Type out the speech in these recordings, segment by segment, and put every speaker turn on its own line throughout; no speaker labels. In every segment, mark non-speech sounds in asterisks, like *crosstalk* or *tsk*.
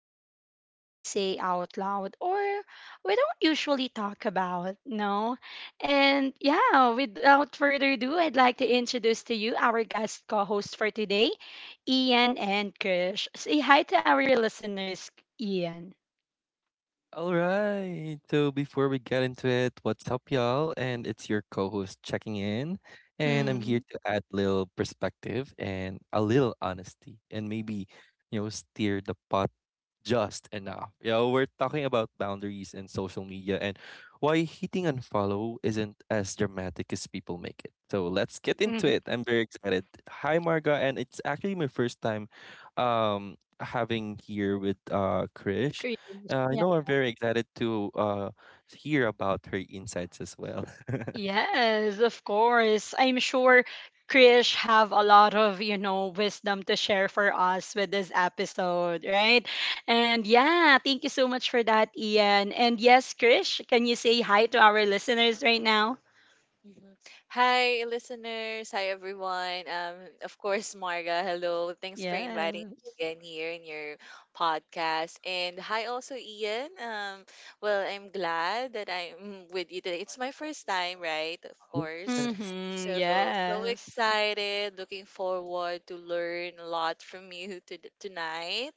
things we don't always say out loud, or we don't usually talk about, no? And yeah, without further ado, I'd like to introduce to you our guest co host for today. Ian and Krish. Say hi to our listeners, Ian.
All right. So before we get into it, what's up, y'all? And it's your co-host checking in, and I'm here
Mm.
to add little perspective and a little honesty, and maybe steer the podcast just enough. You know, we're talking about boundaries and social media and why hitting unfollow isn't as dramatic as people make it. So let's get into
Mhm.
it. I'm very excited. Hi, Marga, and it's actually my first time having here with Krish.
Krish.
I
Yeah.
know I'm very excited to hear about her insights as well. *laughs*
Yes, of course. I'm sure Krish have a lot of wisdom to share for us with this episode, right? And yeah, thank you so much for that, Ian. And yes, Krish, can you say hi to our listeners right now?
Mhm. Hi, listeners. Hi, everyone. Of course, Marga. Hello. Thanks for inviting me
Yes.
again here in your podcast. And hi, also Ian. Well, I'm glad that I'm with you today. It's my first time, right? Of course.
Yes,
Mm-hmm.
So so
Yes.
excited. Looking forward to learn a lot from you to tonight.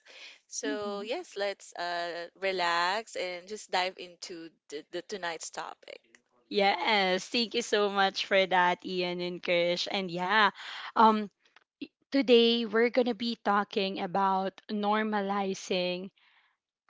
So
Mm-hmm.
yes, let's relax and just dive into the tonight's topic.
Yes, thank you so much for that, Ian and Krish. And yeah, um, today we're gonna be talking about normalizing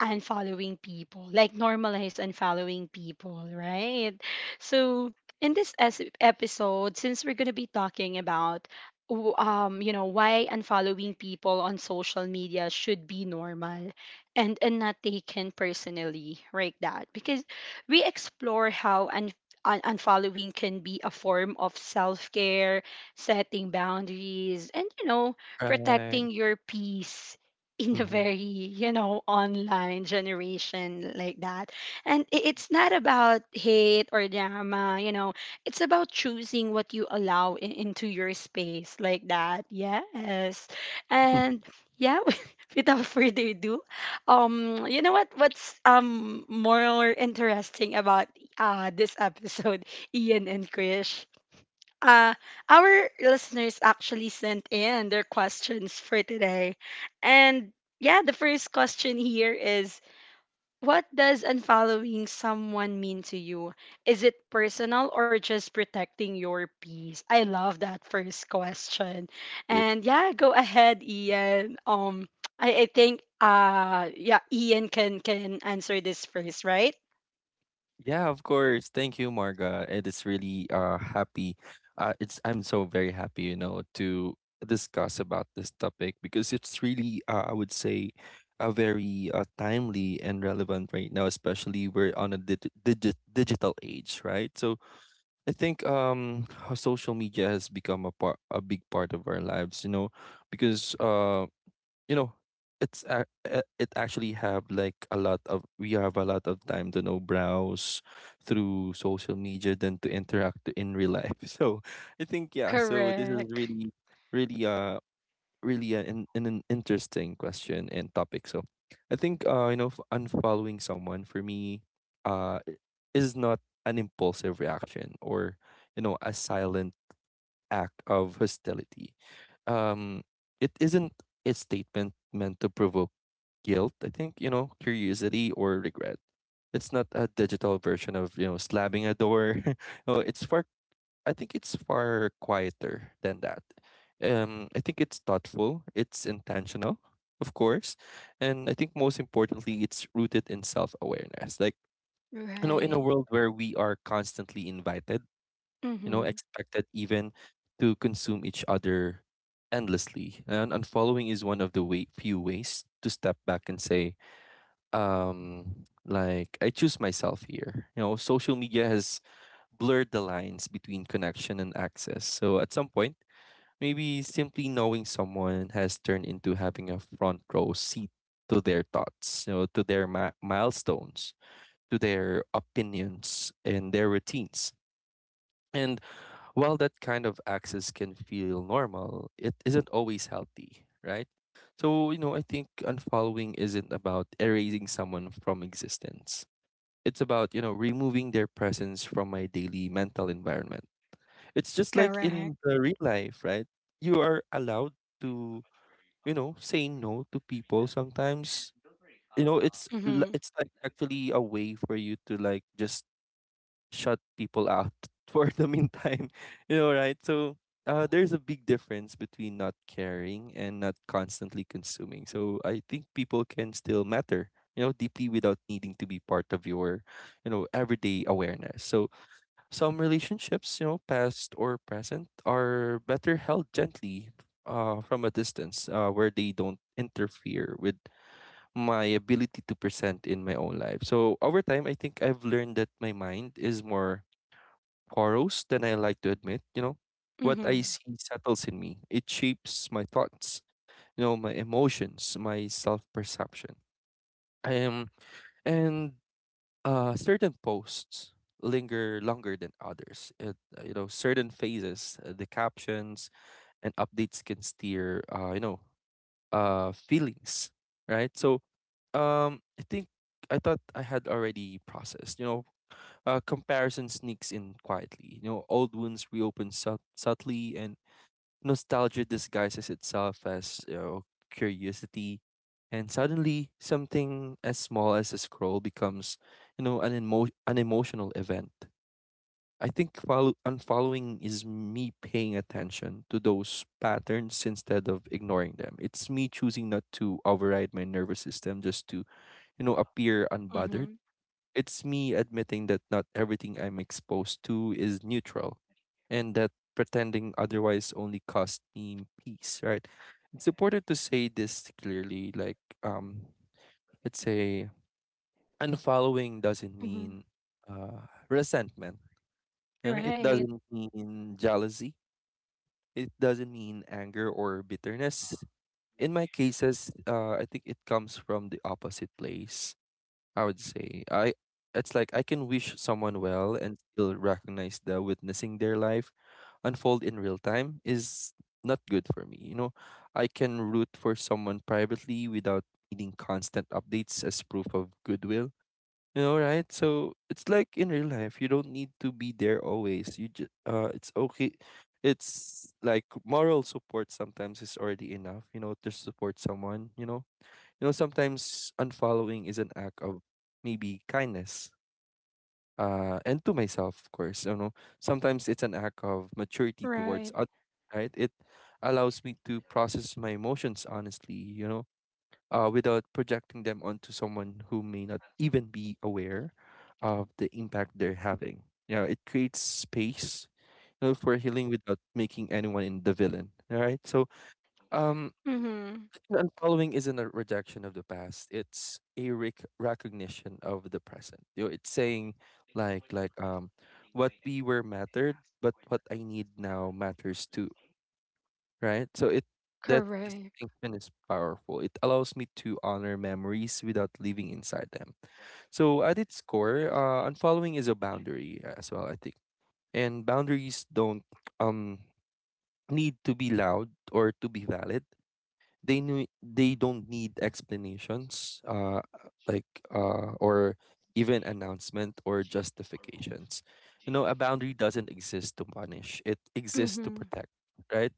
unfollowing people, like normalize unfollowing people, right? So in this episode, since we're gonna be talking about why unfollowing people on social media should be normal, and not taken personally, right? That because we explore how unfollowing can be a form of self care, setting boundaries, and,
right.
protecting your peace in a
Mm-hmm.
very, online generation like that. And it's not about hate or drama. It's about choosing what you allow in, into your space, like that. Yes. And yeah, *laughs* without further ado, you know what, what's more interesting about this episode, Ian and Krish, uh, our listeners actually sent in their questions for today. And yeah, the first question here is: what does unfollowing someone mean to you? Is it personal, or just protecting your peace? I love that first question.
*laughs*
And yeah, go ahead, Ian. I think, yeah, Ian can answer this first, right?
Yeah, of course. Thank you, Marga. It is really happy. It's I'm so very happy, you know, to discuss about this topic because it's really I would say a very timely and relevant right now, especially we're on a digital age, right? So I think how social media has become a big part of our lives, you know, because you know it's a- it actually have like a lot of we have a lot of time to know browse through social media than to interact in real life. *laughs* So I think yeah, so this is
Correct.
really really uh really an interesting question and topic. So I think unfollowing someone for me uh i- is not an impulsive reaction or, you know, a silent act of hostility. Um, it isn't a statement meant to provoke guilt, I think, you know, curiosity or regret. It's not a digital version of, you know, slamming a door. *laughs* Oh, it's far I think it's far quieter than that. I think it's thoughtful, it's intentional, of course. And I think most importantly, it's rooted in self awareness. Like, you know, in a
Right.
world where we are constantly invited, you know,
Mm-hmm.
expected even to consume each other endlessly. And unfollowing is one of the few ways to step back and say, like, I choose myself here. You know, social media has blurred the lines between connection and access. So at some point, maybe simply knowing someone has turned into having a front row seat to their thoughts, you know, to their milestones, to their opinions and their routines. And while that kind of access can feel normal, it isn't always healthy, right? So, you know, I think unfollowing isn't about erasing someone from existence. It's about, you know, removing their presence from my daily mental environment. It's just like
Correct.
in the real life, right? You are allowed to, you know, say no to people sometimes. You know,
Mm-hmm.
it's like actually a way for you to like just shut people out *laughs* for the meantime. *laughs* You know, right? So there's a big difference between not caring and not constantly consuming. So I think people can still matter, you know, deeply without needing to be part of your, you know, everyday awareness. So some relationships, you know, past or present, are better held gently from a distance, where they don't interfere with my ability to present in my own life. So over time, I think I've learned that my mind is more Borrows than I like to admit, you know. What I
Mm-hmm.
see settles in me. It shapes my thoughts, you know, my emotions, my self perception. Um, and Certain posts linger longer than others. You know, certain phases, the captions and updates can steer, feelings, right? So, I think I thought I had already processed, you know, comparison sneaks in quietly. You know, old wounds reopen subtly, and nostalgia disguises itself as, you know, curiosity. And suddenly, something as small as a scroll becomes, you know, an an emotional event. I think unfollowing is me paying attention to those patterns instead of ignoring them. It's me choosing not to override my nervous system just to, you know, appear unbothered.
Mm-hmm.
It's me admitting that not everything I'm exposed to is neutral, and that pretending otherwise only costs me peace, right? It's important to say this clearly. Like, um, let's say unfollowing doesn't
Mm-hmm.
mean, resentment. It
Right.
doesn't mean jealousy. It doesn't mean anger or bitterness. In my cases, I think it comes from the opposite place. I would say. I It's like I can wish someone well and still recognize that witnessing their life unfold in real time is not good for me. You know, I can root for someone privately without needing constant updates as proof of goodwill. You know, right? So it's like in real life, you don't need to be there always. You just it's okay. It's like moral support sometimes is already enough. You know, to support someone. You know, sometimes unfollowing is an act of maybe kindness. And to myself, of course, you know, sometimes it's an act of maturity towards
Right.
others, right? It allows me to process my emotions honestly, you know, without projecting them onto someone who may not even be aware of the impact they're having. Yeah, it creates space, you know, for healing without making anyone in the villain. All right. So, um,
Mm-hmm.
unfollowing isn't a rejection of the past. It's a recognition of the present. You know, it's saying, like, what we were mattered, but what I need now matters too, right? So it that
Correct.
distinction is powerful. It allows me to honor memories without living inside them. So at its core, unfollowing is a boundary as well, I think. And boundaries don't um need to be loud or to be valid. They knew they don't need explanations, or even announcement or justifications. You know, a boundary doesn't exist to punish; it exists to
Mm-hmm.
protect. Right?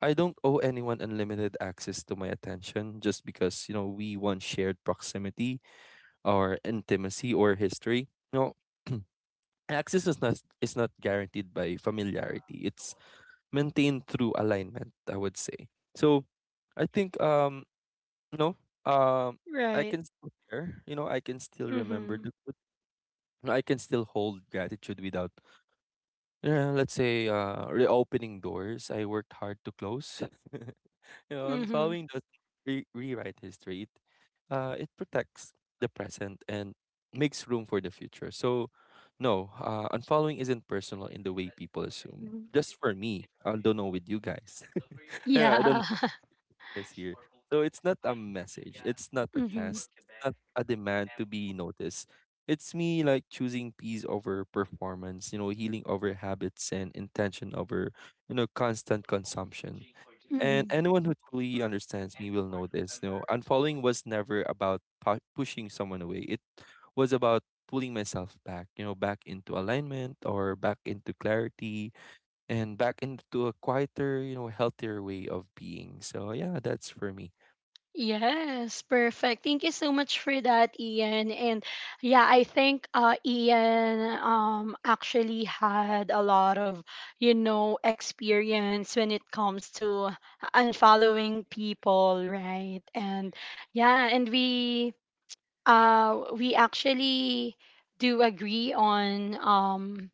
I don't owe anyone unlimited access to my attention just because, you know, we once shared proximity or intimacy or history. No, *clears throat* access is not guaranteed by familiarity. It's maintained through alignment. I would say so. I think no, um, I
Right.
can still care. You know, I can still remember
Mm-hmm.
the good. No, I can still hold gratitude without, yeah, let's say, reopening doors I worked hard to close. *laughs* You know, and
Mm-hmm.
following doesn't rewrite history. It protects the present and makes room for the future. So, no, unfollowing isn't personal in the way people assume.
Mhm.
Just for me, I don't know with you guys. *laughs* Yeah, I don't
Yeah. *laughs*
listeners here. So it's not a message, it's not a
Mm-hmm.
test, it's not a demand to be noticed. It's me like choosing peace over performance, you know, healing over habits and intention over, you know, constant consumption. And
Mm-hmm.
anyone who truly understands me will know this. You know, unfollowing was never about pushing someone away. It was about pulling myself back, you know, back into alignment or back into clarity and back into a quieter, you know, healthier way of being. So yeah, that's for me.
Yes, perfect. Thank you so much for that, Ian. And yeah, I think Ian actually had a lot of experience when it comes to unfollowing people, right? And yeah, and we actually do agree on um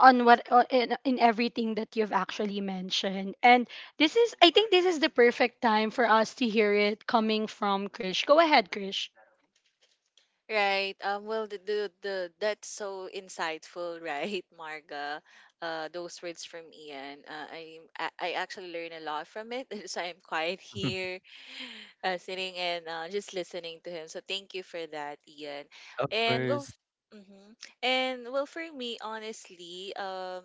on what in, everything that you've actually mentioned. And this is I think this is the perfect time for us to hear it coming from Krish. Go ahead, Krish.
Right. That's so insightful, *laughs* right, Marga? Those words from Ian. I actually learn a lot from it. *laughs* So I'm quiet
Mhm.
here, *laughs* sitting and just listening to him. So thank you for that, Ian.
Of
And well,
course.
mm-hmm. And well, for me, honestly, um,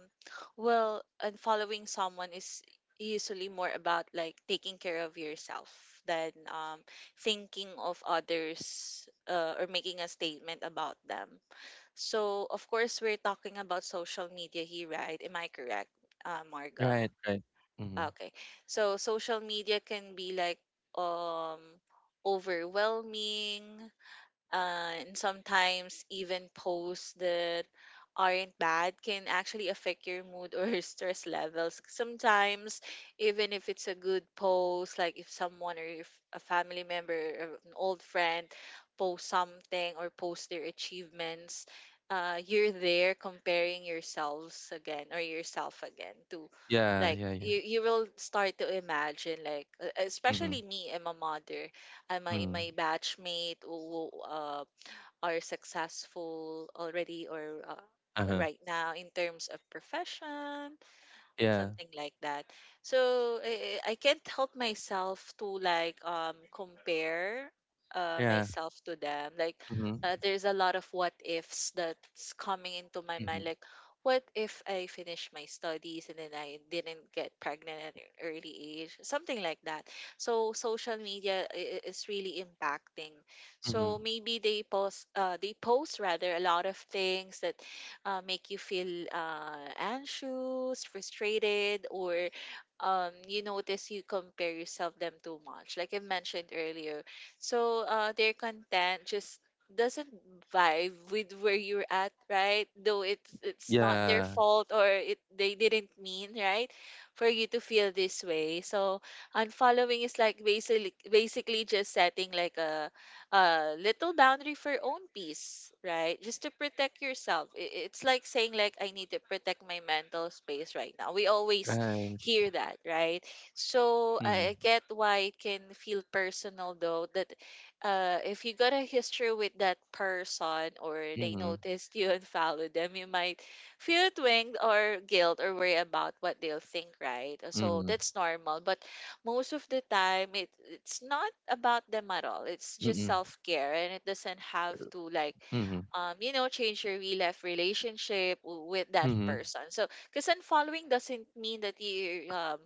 well, and following someone is usually more about like taking care of yourself than thinking of others or making a statement about them. So, of course, we're talking about social media here, right? Am I correct, Marga?
Right, right. Mm-hmm.
Okay. So, social media can be like um, overwhelming, and sometimes even posts that aren't bad can actually affect your mood or *laughs* stress levels. Sometimes, even if it's a good post, like if someone or if a family member or an old friend post something or post their achievements, you're there comparing yourselves again or yourself again to
Yeah,
like
yeah, yeah.
you will start to imagine like
Mm-hmm.
especially me, I'm a mother, uh, my
Mm-hmm.
my batchmate who are successful already or
Uh-huh.
right now in terms of profession,
Yeah.
something like that. So I can't help myself to like compare
Yeah.
myself to them. Like
Mm-hmm.
there's a lot of what ifs that's coming into my
Mm-hmm.
mind. Like what if I finish my studies and then I didn't get pregnant at an early age, something like that. So social media is really impacting.
Mm-hmm.
So maybe they post rather a lot of things that make you feel anxious, frustrated, or you notice you compare yourself them too much, like I mentioned earlier. So their content just doesn't vibe with where you're at, right? Though it's not their
Yeah.
fault or it they didn't mean, right, for you to feel this way. So unfollowing is like basically just setting like a little boundary for your own peace, right? Just to protect yourself. It's like saying like I need to protect my mental space right now. We always
Right.
hear that, right? So I
Mm-hmm.
I get why it can feel personal though that if you got a history with that person or they
Mm-hmm.
noticed you *laughs* and followed them, you might feel twinged or guilt or worry about what they'll think, right? So
Mm-hmm.
that's normal. But most of the time it's not about them at all. It's just
Mm-hmm.
self-care and it doesn't have to like
Mm-hmm.
change your real life relationship with that
Mm-hmm.
person. So because unfollowing doesn't mean that you're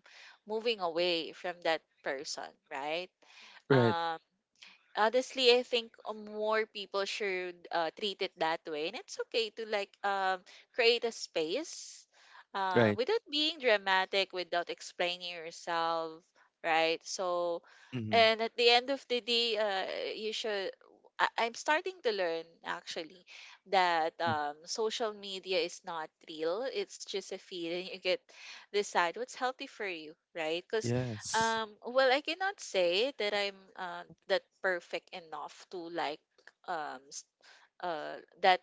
moving away from that person, right?
Right.
Um, honestly, I think more people should treat it that way and it's okay to like create a space
Right.
without being dramatic, without explaining yourself, right? So
Mm-hmm.
and at the end of the day, you should I- I'm starting to learn actually that
Mm.
social media is not real. It's just a feeling. You get decide what's healthy for you, right?
Yes.
Well, I cannot say that I'm that perfect enough to like s- that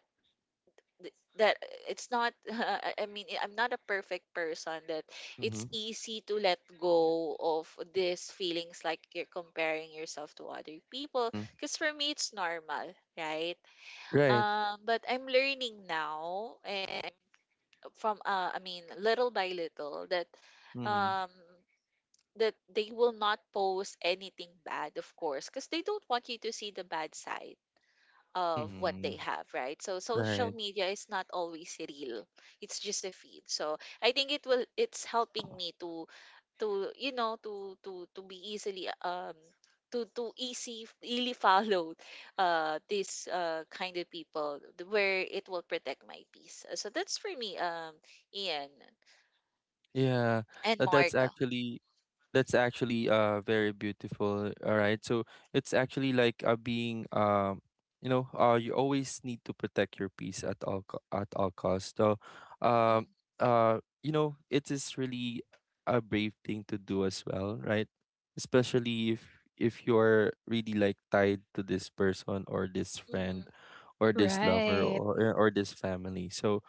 th- that it's not *laughs* I mean I'm not a perfect person that
Mm-hmm.
it's easy to let go of these feelings like you're comparing yourself to other people
Mm-hmm.
because for me it's normal, right?
Right.
Um, but I'm learning now and from I mean little by little that
Mm-hmm.
um that they will not post anything bad, of course, because they don't want you to see the bad side of what
Mm-hmm.
they have, right? So social
Right.
media is not always real. It's just a feed. So I think it will it's helping me to to be easily to easy easily *laughs* follow this kind of people where it will protect my peace. So that's for me, Ian
Yeah,
and
that's
Marga.
actually that's actually very beautiful. All right. So it's actually like being you know, you always need to protect your peace at at all costs. So
Mm.
um you know, it is really a brave thing to do as well, right? Especially if you're really like tied to this person or this friend
Mm-hmm.
or this lover
Right.
or this family. So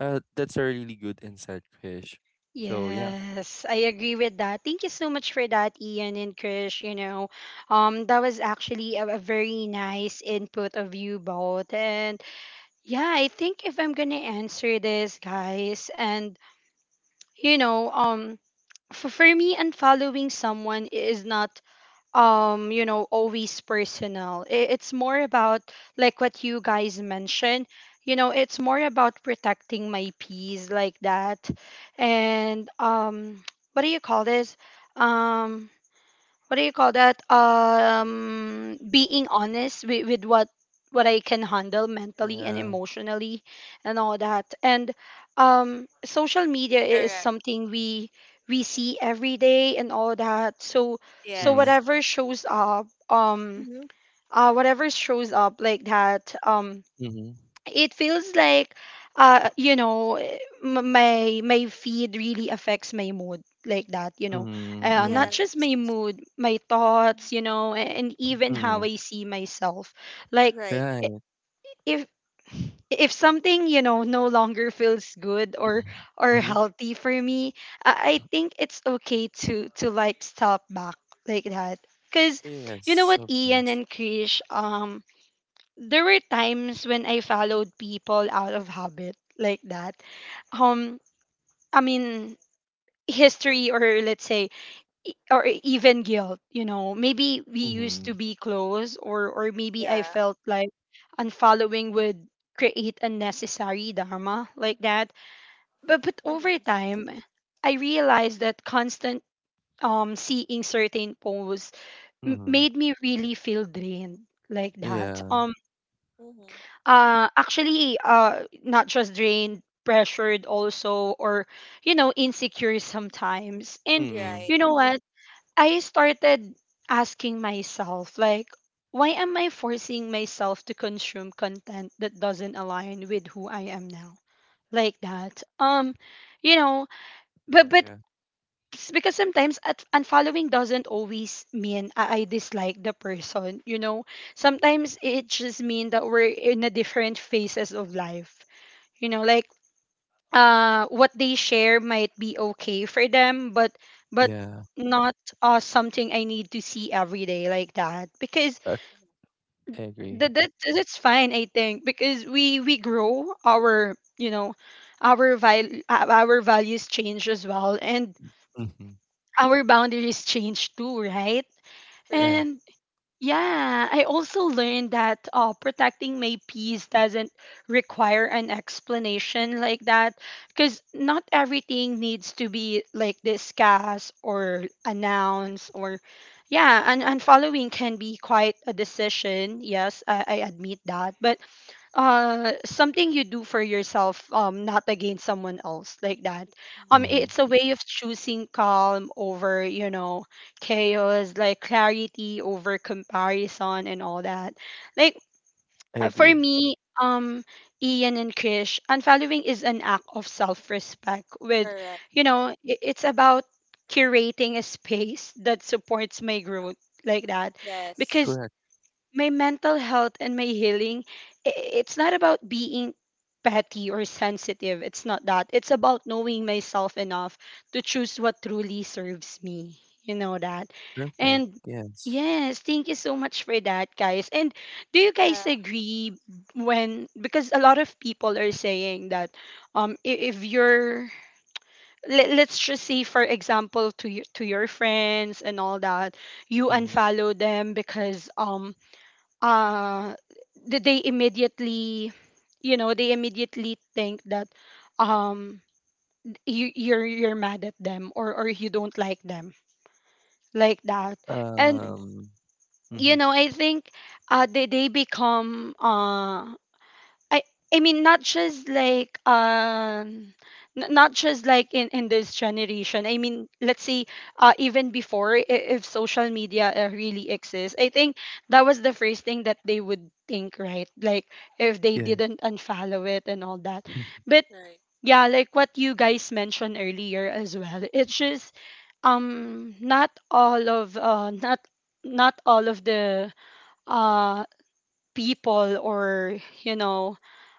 that's a really good insight, Krish. So yeah,
Mm-hmm.
Yes, I agree with that. Thank you so much for that, Ian and Krish. You know, that was actually a very nice input of you both. And yeah, I think if I'm gonna answer this, guys, and you know, for me, unfollowing someone is not, always personal. It's more about, like, what you guys mentioned. It's more about protecting my peace, like that. And *tsk* what do you call this, um what do you call that, being honest with what I can handle mentally and
yeah.
emotionally and all that. And social media is
Correct.
something we see every day and all that. So
Mm,
Yes.
whatever shows up,
Mm-hmm.
like that.
mm-hmm,
It feels like, my feed really affects my mood, like that, you know.
mm-hmm, mm-hmm,
Not just
Yes.
my mood, my thoughts, you know, and even
mm-hmm.
how I see myself, like,
Right.
i-
Right.
if something, you know, no longer feels good or
Mm-hmm.
healthy for me, I think it's okay to like stop back, like that. Because, you know
Yes,
what,
of
Ian
course.
and Krish, there were times when I followed people out of habit, like that. Um, I mean, history, or let's say, or even guilt. You know, maybe we used
Mm-hmm,
to be close, or, maybe I
Yeah.
felt like unfollowing would create unnecessary dharma, like that. But over
Mm-hmm.
time, I realized that constant, seeing certain posts
mm-hmm.
made me really feel drained, like that.
Yeah.
Mm-hmm.
Actually, not just drained, pressured also, or, you know, insecure sometimes. And,
Mm-hmm.
Right.
you know what, I started asking myself, like, why am I forcing myself to consume content that doesn't align with who I am now, like that? You know
Yeah,
but but
yeah,
s- because sometimes at unfollowing doesn't always mean I dislike the person, you know. Sometimes it just means that we're in a different phases of life, you know. Like, what they share might be okay for them, but but
yeah.
not something I need to see every day, like that. Because
I I agree.
that's fine, I think, because we grow our, you know, our values change as well, and
Mm-hmm.
our boundaries change too, right?
Right.
Correct.
And yeah, I also learned that, protecting my peace doesn't require an explanation, like that, because not everything needs to be, like, discussed or announced. Or yeah, and following can be quite a decision. Yes, I admit that. But something you do for yourself, not against someone else, like that.
Mm-hmm.
Mm-hmm.
It's a way of choosing calm over, you know, chaos, like clarity over comparison and all that. Like,
I
for
agree.
me, um Ian and Krish, unfollowing is an act of self-respect. With
Correct.
You know, it's about curating a space that supports my growth, like that,
Yes.
because
Correct.
my mental health and my healing, i- it's not about being petty or sensitive. It's not that. It's about knowing myself enough to choose what truly serves me, you know that.
Perfect.
And
Yes.
yes, thank you so much for that, guys. And do you guys
Yeah.
agree? When, because a lot of people are saying that, if you're, let's just say, for example, to your friends and all that, you
Mm-hmm.
unfollow them because, uh they immediately, think that, um you're mad at them, or you don't like them, like that. And,
Mm-hmm.
Um. Mm-hmm.
you know, I think, they become, I I mean not just like, not just like, in this generation. I mean, let's say, even before, if social media, really exists, I think that was the first thing that they would think, right? Like, if they
Yes.
didn't unfollow it and all that.
Mm-hmm.
But
Right.
yeah, like what you guys mentioned earlier as well. It's just, not all of, not not all of the, uh people, or, you know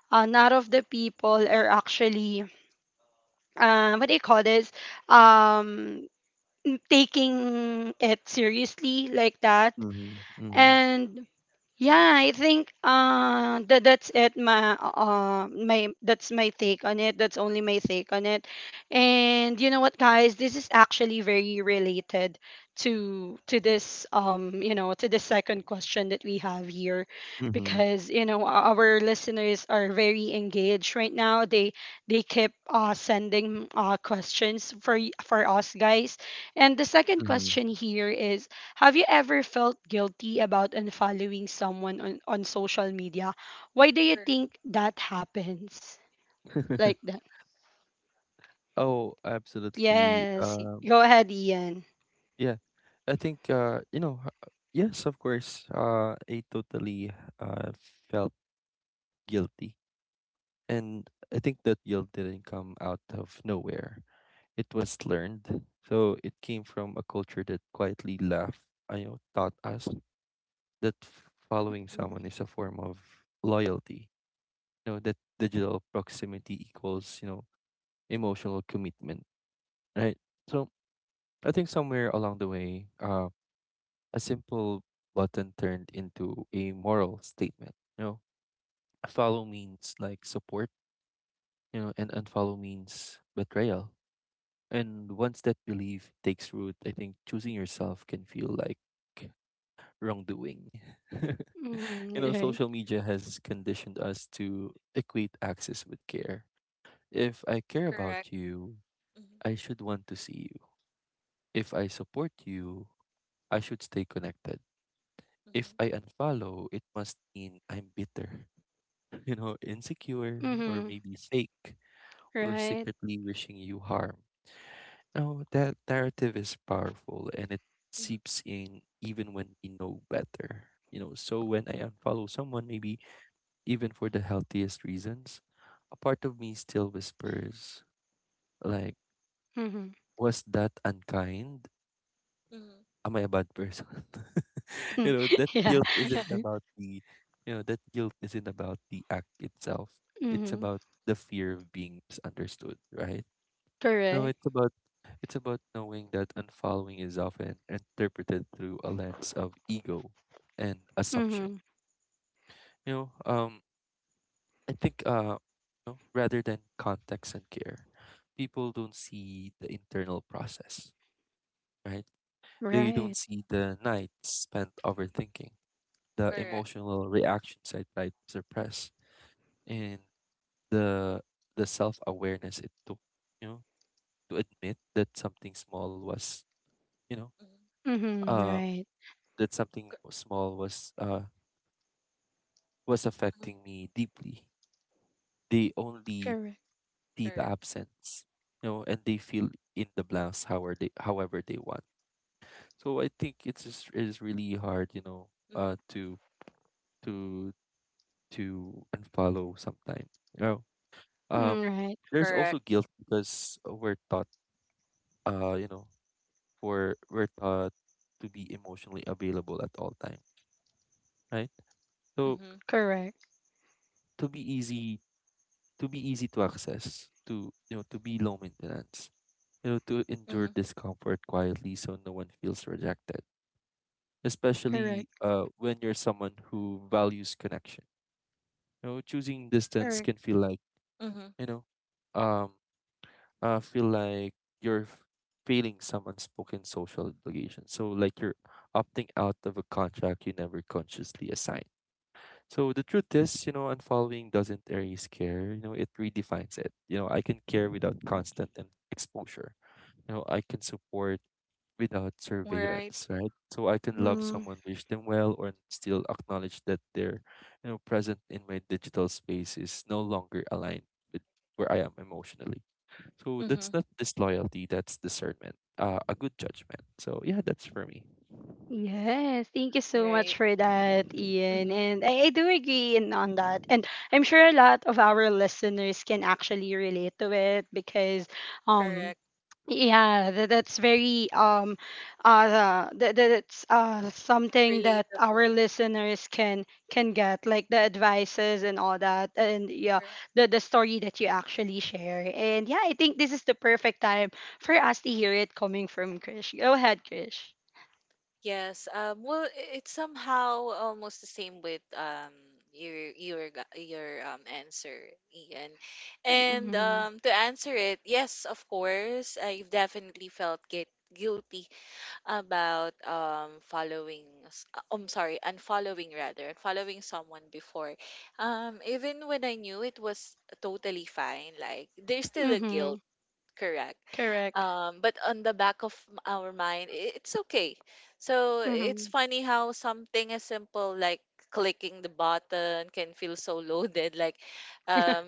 none of the people are actually, what do you
Mm-hmm.
call this, um, taking it seriously, like that.
Mm-hmm.
And yeah,
Mm-hmm.
I think, that that's it, my my that's my take on it. That's only my take on it. And, you know what, guys, this is actually very related to this, to the second question that we have here,
Mm-hmm.
because, you know, our listeners are very engaged right
Mm-hmm.
now. They keep sending questions for for us, guys. And the second
Mm-hmm.
question here is: have you ever felt guilty about unfollowing someone on, social media? Why do you
Correct.
think that happens? Like
*laughs*
that.
Oh, absolutely.
Yes. Go ahead, Ian.
Yeah, I think yes, of course. I totally uh felt guilty, and I think that guilt didn't come out of nowhere. It was learned, so it came from a culture that quietly laughed, you know, taught us that following someone is a form of loyalty. You know that digital proximity equals, you know, emotional commitment, right? So I think somewhere along the way, a simple button turned into a moral statement. You know, follow means like support, you know, and unfollow means betrayal. And once that belief takes root, I think choosing yourself can feel like wrongdoing. *laughs* You know,
Mm-hmm.
social media has conditioned us to equate access with care. If I care
Correct.
about you,
Mm-hmm.
I should want to see you. If I support you, I should stay connected. If I
Mm-hmm.
unfollow, it must mean I'm bitter. *laughs* Insecure or
Mm-hmm.
maybe fake
Right. Mm-hmm.
or
Right.
secretly wishing you harm. Now, that narrative is powerful and it seeps in even when we know better. So when I unfollow someone, maybe even for the healthiest reasons, a part of me still whispers, like,
Mm-hmm.
was that unkind?
Mm-hmm.
Am I a bad person? *laughs* you know,
*laughs*
that
Yeah.
guilt isn't
Mm-hmm.
about the, you know, that guilt isn't about the act itself. It's
Mm-hmm.
about the fear of being misunderstood, right? You know,
Correct.
it's about it's about knowing that unfollowing is often interpreted through a lens of ego and assumption.
Mm-hmm.
You know, um, I think you know, rather than context and care, people don't see the internal process, right? They
Right.
don't see the nights spent overthinking
*laughs*
the
Correct.
emotional reactions I tried to suppress and
Mm-hmm.
the the self awareness it took, you know, to admit that something small was, you know,
Mm-hmm.
Mm-hmm.
uh
Right.
that something
Cor-
small was uh was
mhm.
affecting me deeply. They only
Correct.
see the
Correct.
absence, and they fill in the blanks however they want. So I think it is really hard,
Mm-hmm.
uh to to to unfollow sometime. You know,
Mm,
um
right.
there's also
Correct.
guilt because we're taught uh you know we're taught to be emotionally available at all time, right? So
Mm-hmm.
Correct.
to be easy, to access, to, you know, to be low maintenance, you know, to endure
Mm-hmm.
discomfort quietly so no one feels rejected, especially
Correct.
when you're someone who values connection. You know, choosing distance
Correct.
can feel like,
Mm-hmm.
you know um feel like you're f- failing some unspoken social obligation. So, like, you're opting out of a contract you never consciously assigned. So, the truth is, you know, unfollowing doesn't erase care, you know, it redefines it. You know, I can care without constant and exposure. You know, I can support without
Right.
surveillance, right? So, I can love
Mm-hmm.
someone, wish them well, or still acknowledge that they're, you know, present in my digital space is no longer aligned with where I am emotionally. So
Mm-hmm.
that's not disloyalty, that's discernment, a good judgment. So yeah, that's for me.
Yes, thank you so much
Right.
for that, Ian.
Mm-hmm.
And I do agree on that. And I'm sure a lot of our listeners can actually relate to it, because, um,
Correct.
yeah, that's something that our
Relatable.
listeners can get, like the advices and all that. And yeah,
Right.
the story that you actually share. And yeah, I think this is the perfect time for us to hear it coming from Krish. Go ahead, Krish.
Yes. Well, it's somehow almost the same with your your answer, Ian. And to answer it, yes, of course, I've definitely felt get guilty about following I'm sorry, unfollowing rather, unfollowing someone before. Even when I knew it was totally fine, like there's still a
Mm-hmm.
guilt. Correct.
Correct.
But on the back of our mind, it's okay. So it's
Mm-hmm.
funny how something as simple like clicking the button can feel so loaded. Like, um,
*laughs*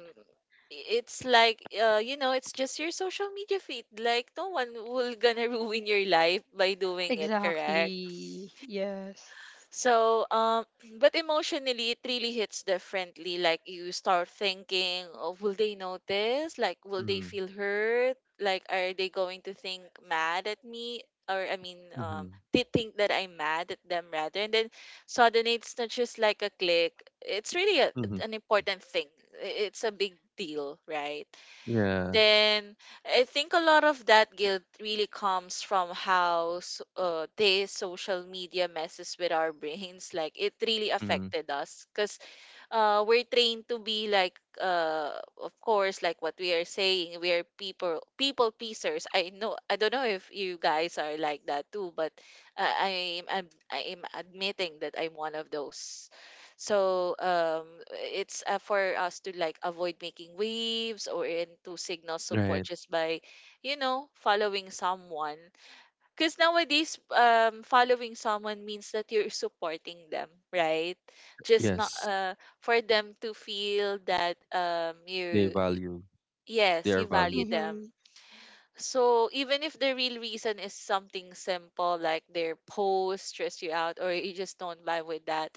it's like you know, it's just your social media feed. Like, no one will gonna *laughs* ruin your life by doing it. Correct.
Exactly. Yes.
So, *clears throat* but emotionally, it really hits differently. Like you start thinking, oh, will they notice? Like, will they
Mm-hmm.
feel hurt? Like, are they going to think mad at me? Or I mean,
Mm-hmm.
they think that I'm mad at them rather. And then suddenly, it's not just like a click. It's really a,
Mm-hmm.
an important thing. It's a big deal, right?
Yeah.
Then I think a lot of that guilt really comes from how s- they social media messes with our brains. Like it really
Mm-hmm.
affected us because we're trained to be like of course like what we are saying we are people pleasers. I know I don't know if you guys are like that too but I'm admitting that I'm one of those. So um, it's for us to like avoid making waves or and to signal support
Right.
just by you know following someone, because nowadays, following someone means that you're supporting them, right? Just not
Yes.
for them to feel that
They
you,
value. They
yes,
are
you value
valued.
them.
Mm-hmm.
So even if the real reason is something simple like their post stress you out or you just don't vibe with that,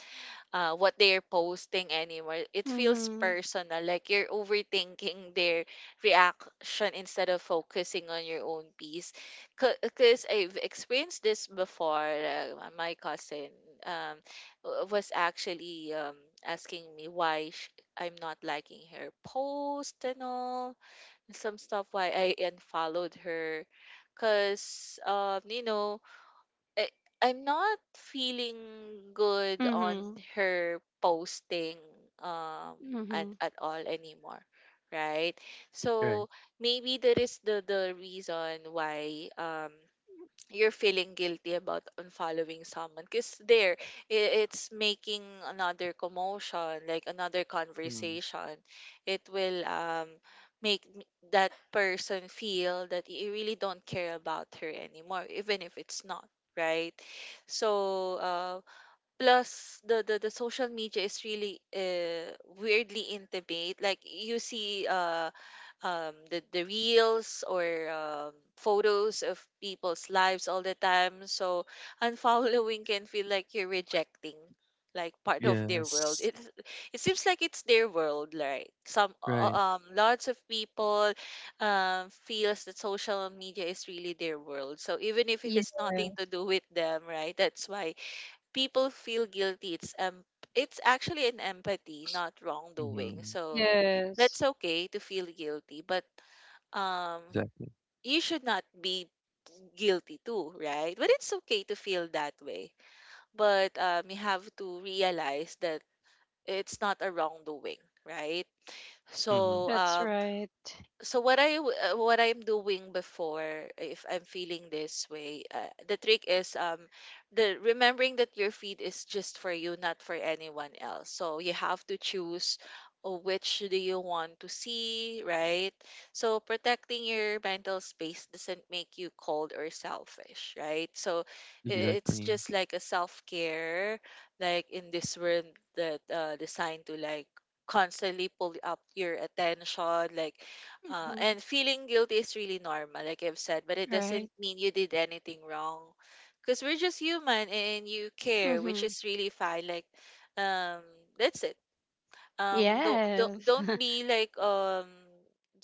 what they're posting anymore, it feels
Mm-hmm.
personal. Like you're overthinking their reaction instead of focusing on your own peace. Because I've experienced this before. My cousin um, was actually asking me I'm not liking her post and all some stuff why I unfollowed her because you know I, I'm not feeling good on
Mm-hmm.
her posting um
Mm-hmm.
at all anymore, right?
Right.
So maybe that is the reason why you're feeling guilty about unfollowing someone because there it's making another commotion like another
Mm.
conversation. It will make that person feel that you really don't care about her anymore even if it's not right. So uh, plus the social media is really weirdly intimate. Like you see the reels or photos of people's lives all the time. So *laughs* unfollowing can feel like you're rejecting like part of their world.
Yes.
It seems like it's their world, right? Some
Right.
lots of people feels that social media is really their world. So even if it
Yes.
has nothing to do with them, right? That's why people feel guilty. It's actually an empathy, not wrongdoing.
Mm-hmm.
So that's
Yes.
okay to feel guilty, but um
Exactly.
you should not be guilty too, right? But it's okay to feel that way. But you have to realize that it's not a wrongdoing, right?
Mm-hmm.
So
That's right.
so what what I'm doing before, if I'm feeling this way, the trick is the remembering that your feed is just for you, not for anyone else. So you have to choose which do you want to see, right? So protecting your mental space doesn't make you cold or selfish, right? So it's
Exactly.
just like a self care, like in this world that designed to like constantly pull up your attention, like
Mm-hmm.
and feeling guilty is really normal, like I've said, but it doesn't
Right.
mean you did anything wrong. Because we're just human and you care, which
Mm-hmm.
is really fine. Like, um, that's it. Don't don't
Yes.
don't
*laughs*
be like um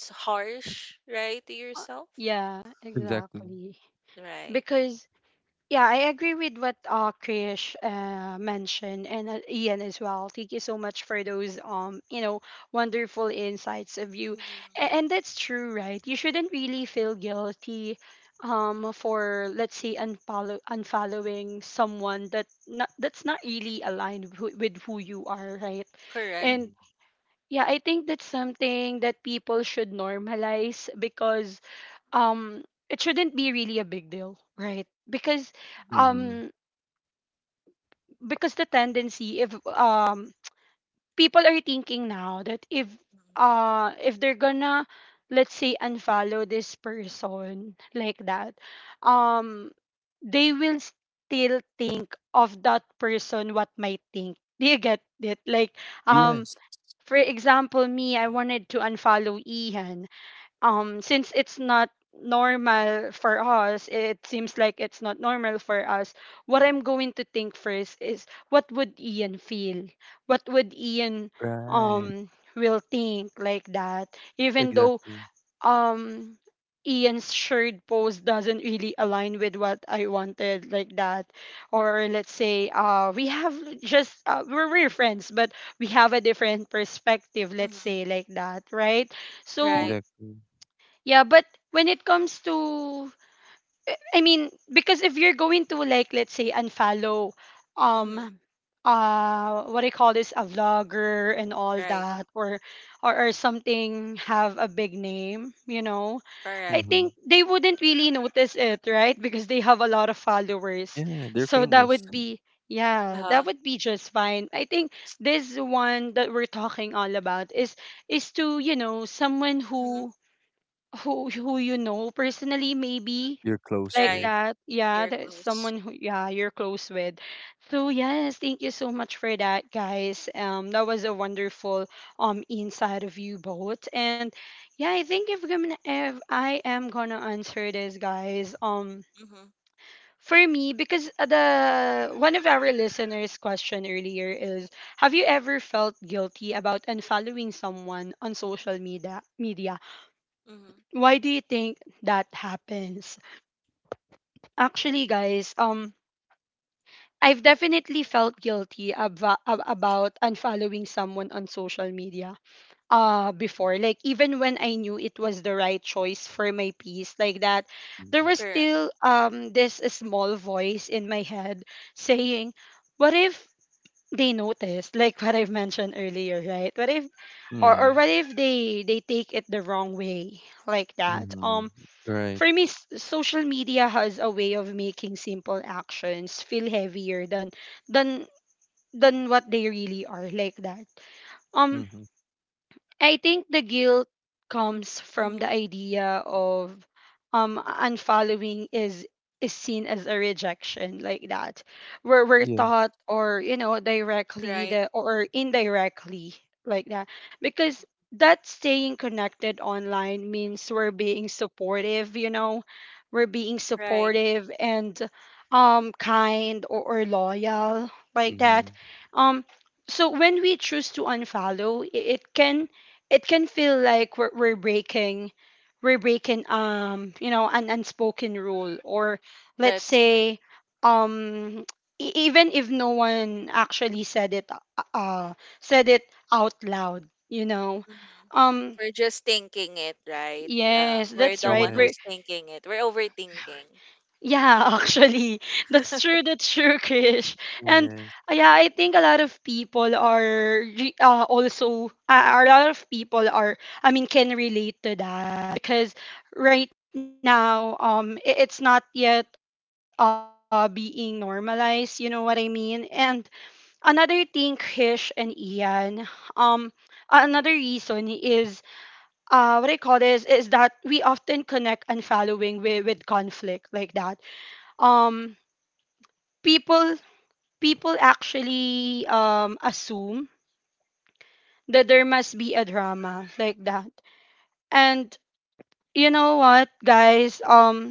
s- harsh, right, to
Uh,
yourself.
yeah,
Exactly.
exactly.
Right.
Because, yeah, I agree with what, Krish mentioned, and, Ian as well. Thank you so much for those, wonderful insights of you,
Mm-hmm.
and that's true, right? You shouldn't really feel guilty, for, let's say, unfollowing someone that, not, that's not really aligned, with who you are, right?
Correct.
Mm-hmm.
And yeah, I think that's something that people should normalize because um it shouldn't be really a big deal, right? Because
Mm-hmm.
Mm-hmm.
um because the tendency if people are thinking now that
Mm-hmm.
if they're gonna, let's say, unfollow this person like that, um they will still think of that person what might think, do you get it? Like um
Yes.
for example, me, I wanted to unfollow Ihan, since it's not normal for us, it seems like it's not normal for us. What I'm going to think first is what would Ian feel, what would Ian
Right.
um will think like that, even though
Exactly.
um Ian's shared post doesn't really align with what I wanted, like that. Or let's say we have just we're friends, but we have a different perspective, let's
Mm-hmm.
say, like that, right? So
Right.
Exactly.
yeah, but when it comes to I mean, because if you're going to, like, let's say, unfollow
Mm-hmm.
um what I call this, a vlogger and all
Right.
that, or or something, have a big name, you know,
Correct.
I
Mm-hmm.
think they wouldn't really notice it, right? Because they have a lot of followers.
Yeah. They're
So that
famous.
would be, yeah, that
Uh-huh.
would be just fine. I think this one that we're talking all about is to, you know, someone
Mm-hmm.
who who you know personally, maybe,
You're close
like
Right.
with.
that. Yeah,
Here
that's
close.
someone who, yeah, you're close with. So yes, thank you so much for that, guys. That was a wonderful inside of you both. And yeah, I think if I'm gonna, if I am gonna answer this, guys.
Mm-hmm.
For me, because the one of our listeners' question earlier is, have you ever felt guilty about unfollowing someone on social media? Media,
Mm-hmm.
why do you think that happens? Actually, guys, I've definitely felt guilty about unfollowing someone on social media before. Like, even when I knew it was the right choice for my piece, like that, there
Mm-hmm.
was
Correct.
still this small voice in my head saying, what if they noticed? Like what I've mentioned earlier, right? What if. Or,
Mm-hmm.
or
Mm.
what if they take it the wrong way like that,
Mhm.
um.
Right.
For me, social media has a way of making simple actions feel heavier than than than what they really are, like that. Um
Mhm.
I think the guilt comes from
Mm-hmm.
the idea of unfollowing is seen as a rejection, like that, where we're
Yes.
taught, or you know, directly
Right.
the or indirectly like that, because that staying connected online means we're being supportive, you know, we're being
Right.
supportive and kind, or loyal like that,
Mhm.
um. So when we choose to unfollow, it can feel like we're breaking, we're breaking you know, an unspoken rule, or let's
That's right.
say, um, even if no one actually said it out loud, you know,
Hmm.
um.
We're just thinking it, right?
Yes,
We're
that's
the
right.
one
Yes,
who's thinking it. We're overthinking.
Yeah, *laughs* actually, that's true. That's true, Krish. And
yes.
yeah, I think a lot of people are also a lot of people are. I mean, can relate to that because right now, it's not yet being normalized. You know what I mean? And another thing, Krish and Ian, um, another reason is what I call this is that we often connect unfollowing with conflict like that. Um people people actually assume that there must be a drama like that. And you know what, guys, um,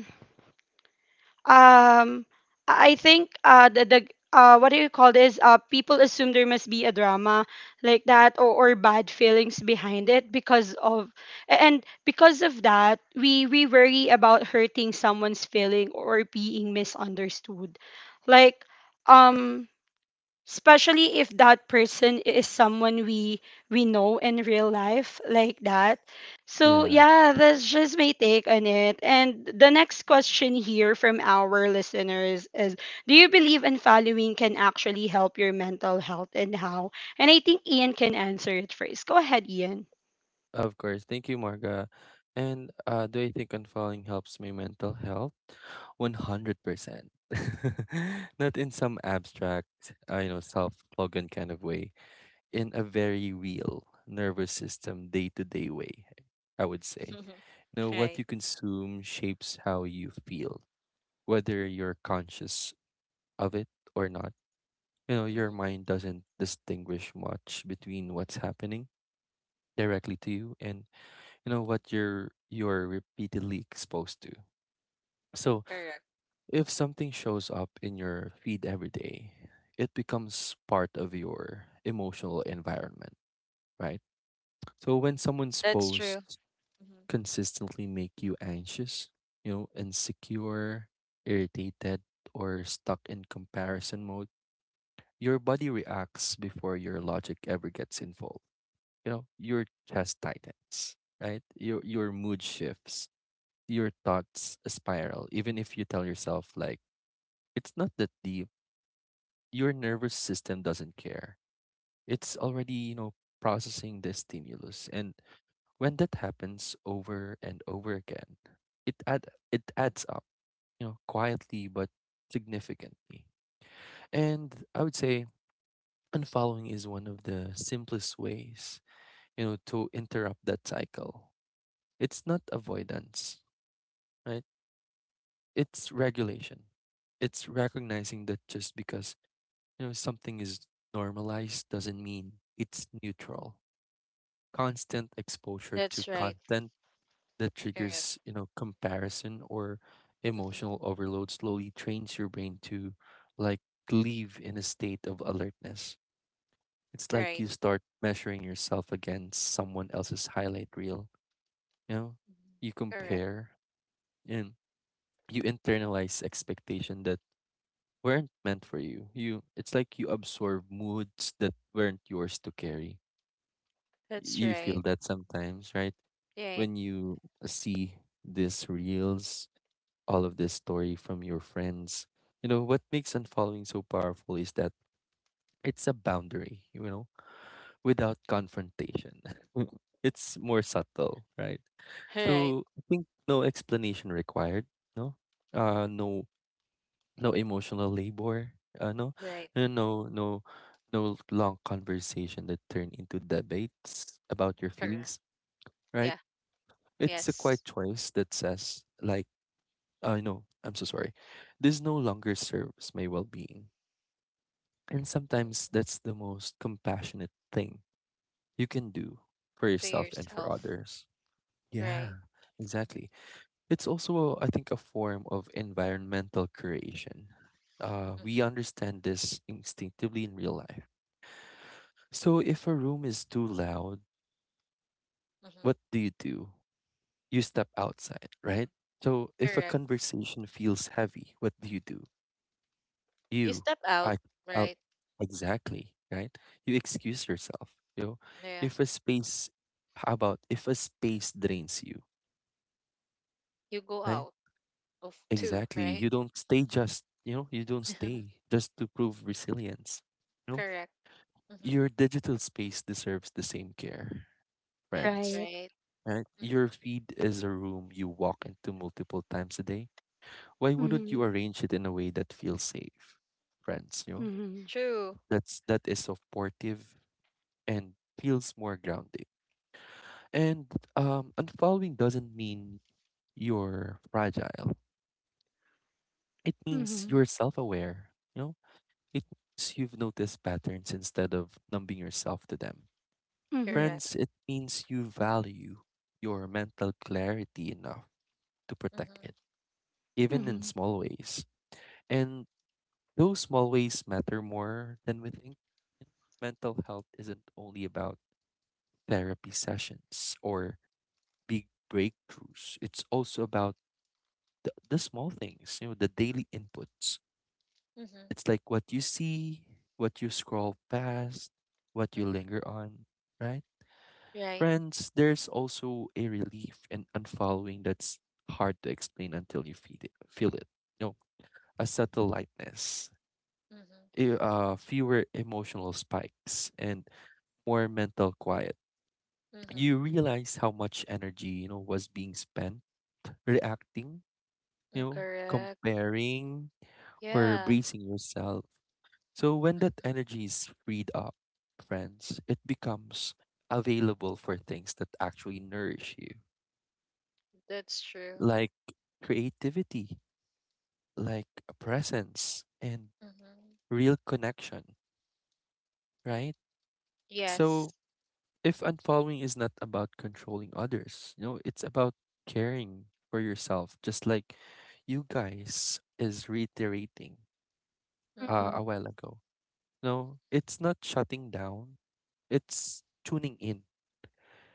um, I think the what do you call this, people assume there must be a drama like that, or bad feelings behind it because of, and because of that, we worry about hurting someone's feeling or being misunderstood like, um, especially if that person is someone we know in real life, like that. So
Yeah.
yeah, that's just my take on it, and the next question here from our listeners is, do you believe in following can actually help your mental health and how? And I think Ian can answer it first. Go ahead, Ian.
Of course. Thank you, Marga. And do I think unfollowing helps me mental health? 100%. *laughs* Not in some abstract, you know, self-slogan kind of way. In a very real nervous system, day-to-day way, I would say.
Hmm.
You know,
*laughs*
what
Right.
you consume shapes how you feel, whether you're conscious of it or not. You know, your
Hmm.
mind doesn't distinguish much between what's happening directly to you and, you know, what you're repeatedly exposed to. So
Correct.
if something shows up in your feed every day, it becomes part of your emotional environment, right? So when someone's
That's true.
posts
Hmm.
consistently make you anxious, you know, insecure, irritated, or stuck in comparison mode, your body reacts before your logic ever gets involved. You know, your chest tightens, right? Your mood shifts, your thoughts spiral, even if you tell yourself, like, it's not that deep. Your nervous system doesn't care. It's already, you know, processing the stimulus. And when that happens over and over again, it add it adds up, you know, quietly but significantly. And I would say unfollowing is one of the simplest ways, you know, to interrupt that cycle. It's not avoidance, right? It's regulation. It's recognizing that just because, you know, something is normalized doesn't mean it's neutral. Constant exposure to
That's right.
content that
Correct.
triggers, you know, comparison or
Hmm.
emotional overload slowly trains your brain to, like, live in a state of alertness. It's like you
Right.
start measuring yourself against someone else's highlight reel, you know?
Hmm.
You
Correct.
compare and you internalize expectation that weren't meant for you. You, it's like you absorb moods that weren't yours to carry.
That's
You feel
right.
that sometimes, right?
Right.
When you see these reels, all of this story from your friends, you know, what makes unfollowing so powerful is that it's a boundary, you know, without confrontation. *laughs* it's more subtle, right?
Right.
So I think no explanation required, no?
Hmm.
No no emotional labor, uh, no,
Right.
no, no, no, no long conversation that turn into debates about your
Correct.
feelings, right?
Yeah.
It's a quiet
Yes.
choice that says, like, I know, I'm so sorry. This no longer serves my well being. And sometimes
Hmm.
that's the most compassionate thing you can do for
To
yourself and for
yourself.
others.
Right.
Yeah, exactly. It's also, I think, a form of environmental creation. We
Hmm.
understand this instinctively in real life. So, if a room is too loud,
Hmm.
what do? You step outside, right? So, if a
Correct.
conversation feels heavy, what do you do?
You
You
step out.
I, Out.
Right.
Exactly, right? You excuse yourself. You know,
Yeah.
if a space, how about if a space drains you,
You go
right?
out. Of 2,
Exactly.
right?
You don't stay just, you know, you don't
*laughs*
stay just to prove resilience. You know,
Correct. Mhm.
your digital space deserves the same care,
That's
friends.
Right.
right.
Right?
Mhm.
Your feed is a room you walk into multiple times a day. Why wouldn't you
Hmm.
arrange it in a way that feels safe, friends? You know,
Hmm.
True.
that's that is supportive and feels more grounding. And unfollowing doesn't mean you're fragile. It means
Hmm.
Mhm.
you're self-aware, you know. It means you've noticed patterns instead of numbing yourself to them.
Hmm.
Correct.
Friends, it means you value your mental clarity enough to protect
Mhm.
it, even in
Hmm.
small ways. And those small ways matter more than we think. Mental health isn't only about therapy sessions or big breakthroughs, it's also about the small things, you know, the daily inputs.
Mhm.
It's like what you see, what you scroll past, what you
Mhm.
linger on, right?
Right.
Friends, there's also a relief in unfollowing that's hard to explain until you feel it. You know, a subtle lightness,
Mhm.
fewer emotional spikes, and more mental quiet.
Mhm.
You realize how much energy, you know, was being spent reacting, you know,
Correct.
comparing or
Yeah.
bracing yourself. So when that
Mhm.
energy is freed up, friends, it becomes available for things that actually nourish you,
That's true.
like creativity, like a presence, and
Mhm.
real connection, right? So
Yes.
if unfollowing is not about controlling others, you know, it's about caring for yourself, just like you guys is reiterating
Hmm.
Mhm.
a while ago. No, it's not shutting down, it's tuning in.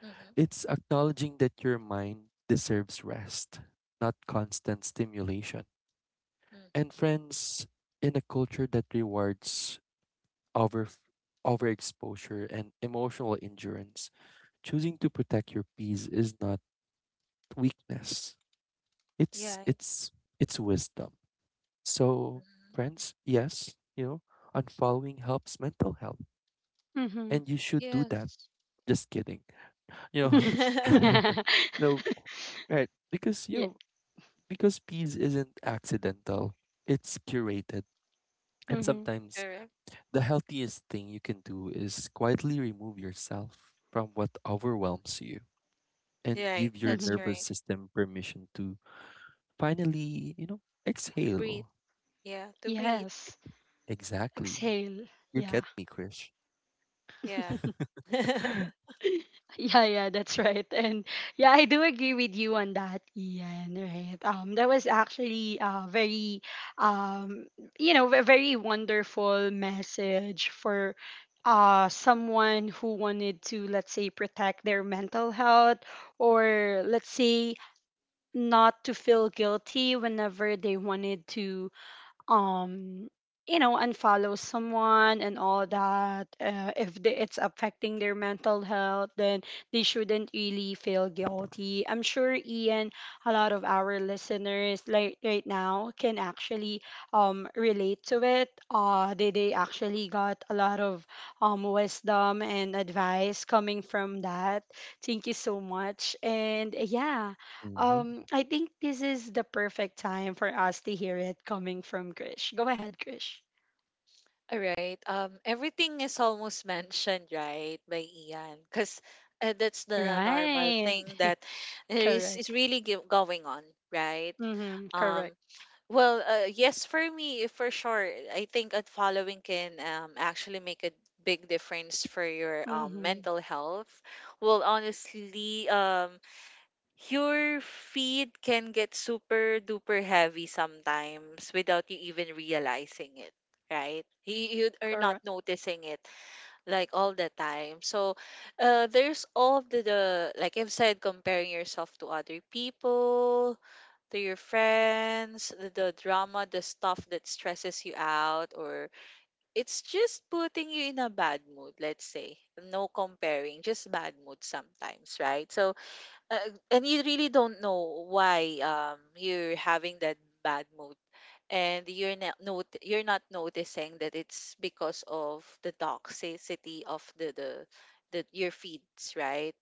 Mhm.
It's acknowledging that your mind deserves rest, not constant stimulation.
Mhm.
And friends, in a culture that rewards over overexposure and emotional endurance. Choosing to protect your peace is not weakness. It's
Yeah.
it's it's wisdom. So,
Mhm.
friends, yes, you know, unfollowing helps mental health,
Hmm.
and you should do that.
Yes.
Just kidding, you know.
*laughs* Yeah.
*laughs*
*laughs*
*laughs* no, right? Because you
Yeah.
know, because peace isn't accidental. It's curated, and
Hmm.
sometimes
Correct.
the healthiest thing you can do is quietly remove yourself from what overwhelms you and
Right.
give your
That's
Hmm.
nervous
right.
system permission to finally, you know,
Breathe.
exhale.
Yeah. To breathe.
Yes.
E- Exactly.
Exhale.
You
Yeah.
get me, Krish.
Yeah.
*laughs*
*laughs*
Yeah, yeah, that's right. And yeah, I do agree with you on that, Ian, right? That was actually a very um you know, a very wonderful message for someone who wanted to, let's say, protect their mental health, or let's say, not to feel guilty whenever they wanted to um you know, unfollow someone and all that. If it's affecting their mental health, then they shouldn't really feel guilty. I'm sure, Ian, a lot of our listeners, like, right now can actually relate to it. They actually got a lot of wisdom and advice coming from that. Thank you so much. And yeah,
Mm-hmm.
I think this is the perfect time for us to hear it coming from Krish. Go ahead, Krish.
All right. Everything is almost mentioned, right, by Ian, because that's the normal
Right.
thing that there is
Correct.
really going on, right?
Mm-hmm.
Um,
Correct.
well, yes, for me, for sure. I think unfollowing can actually make a big difference for your
Mm-hmm.
mental health. Well, honestly, your feed can get super duper heavy sometimes without you even realizing it, right? You are not
Correct.
noticing it like all the time. So there's all the like I've said, comparing yourself to other people, to your friends, the drama, the stuff that stresses you out, or it's just putting you in a bad mood, let's say. No comparing, just bad mood sometimes, right? So and you really don't know why you're having that bad mood, and you're not noticing that it's because of the toxicity of the your feeds, right?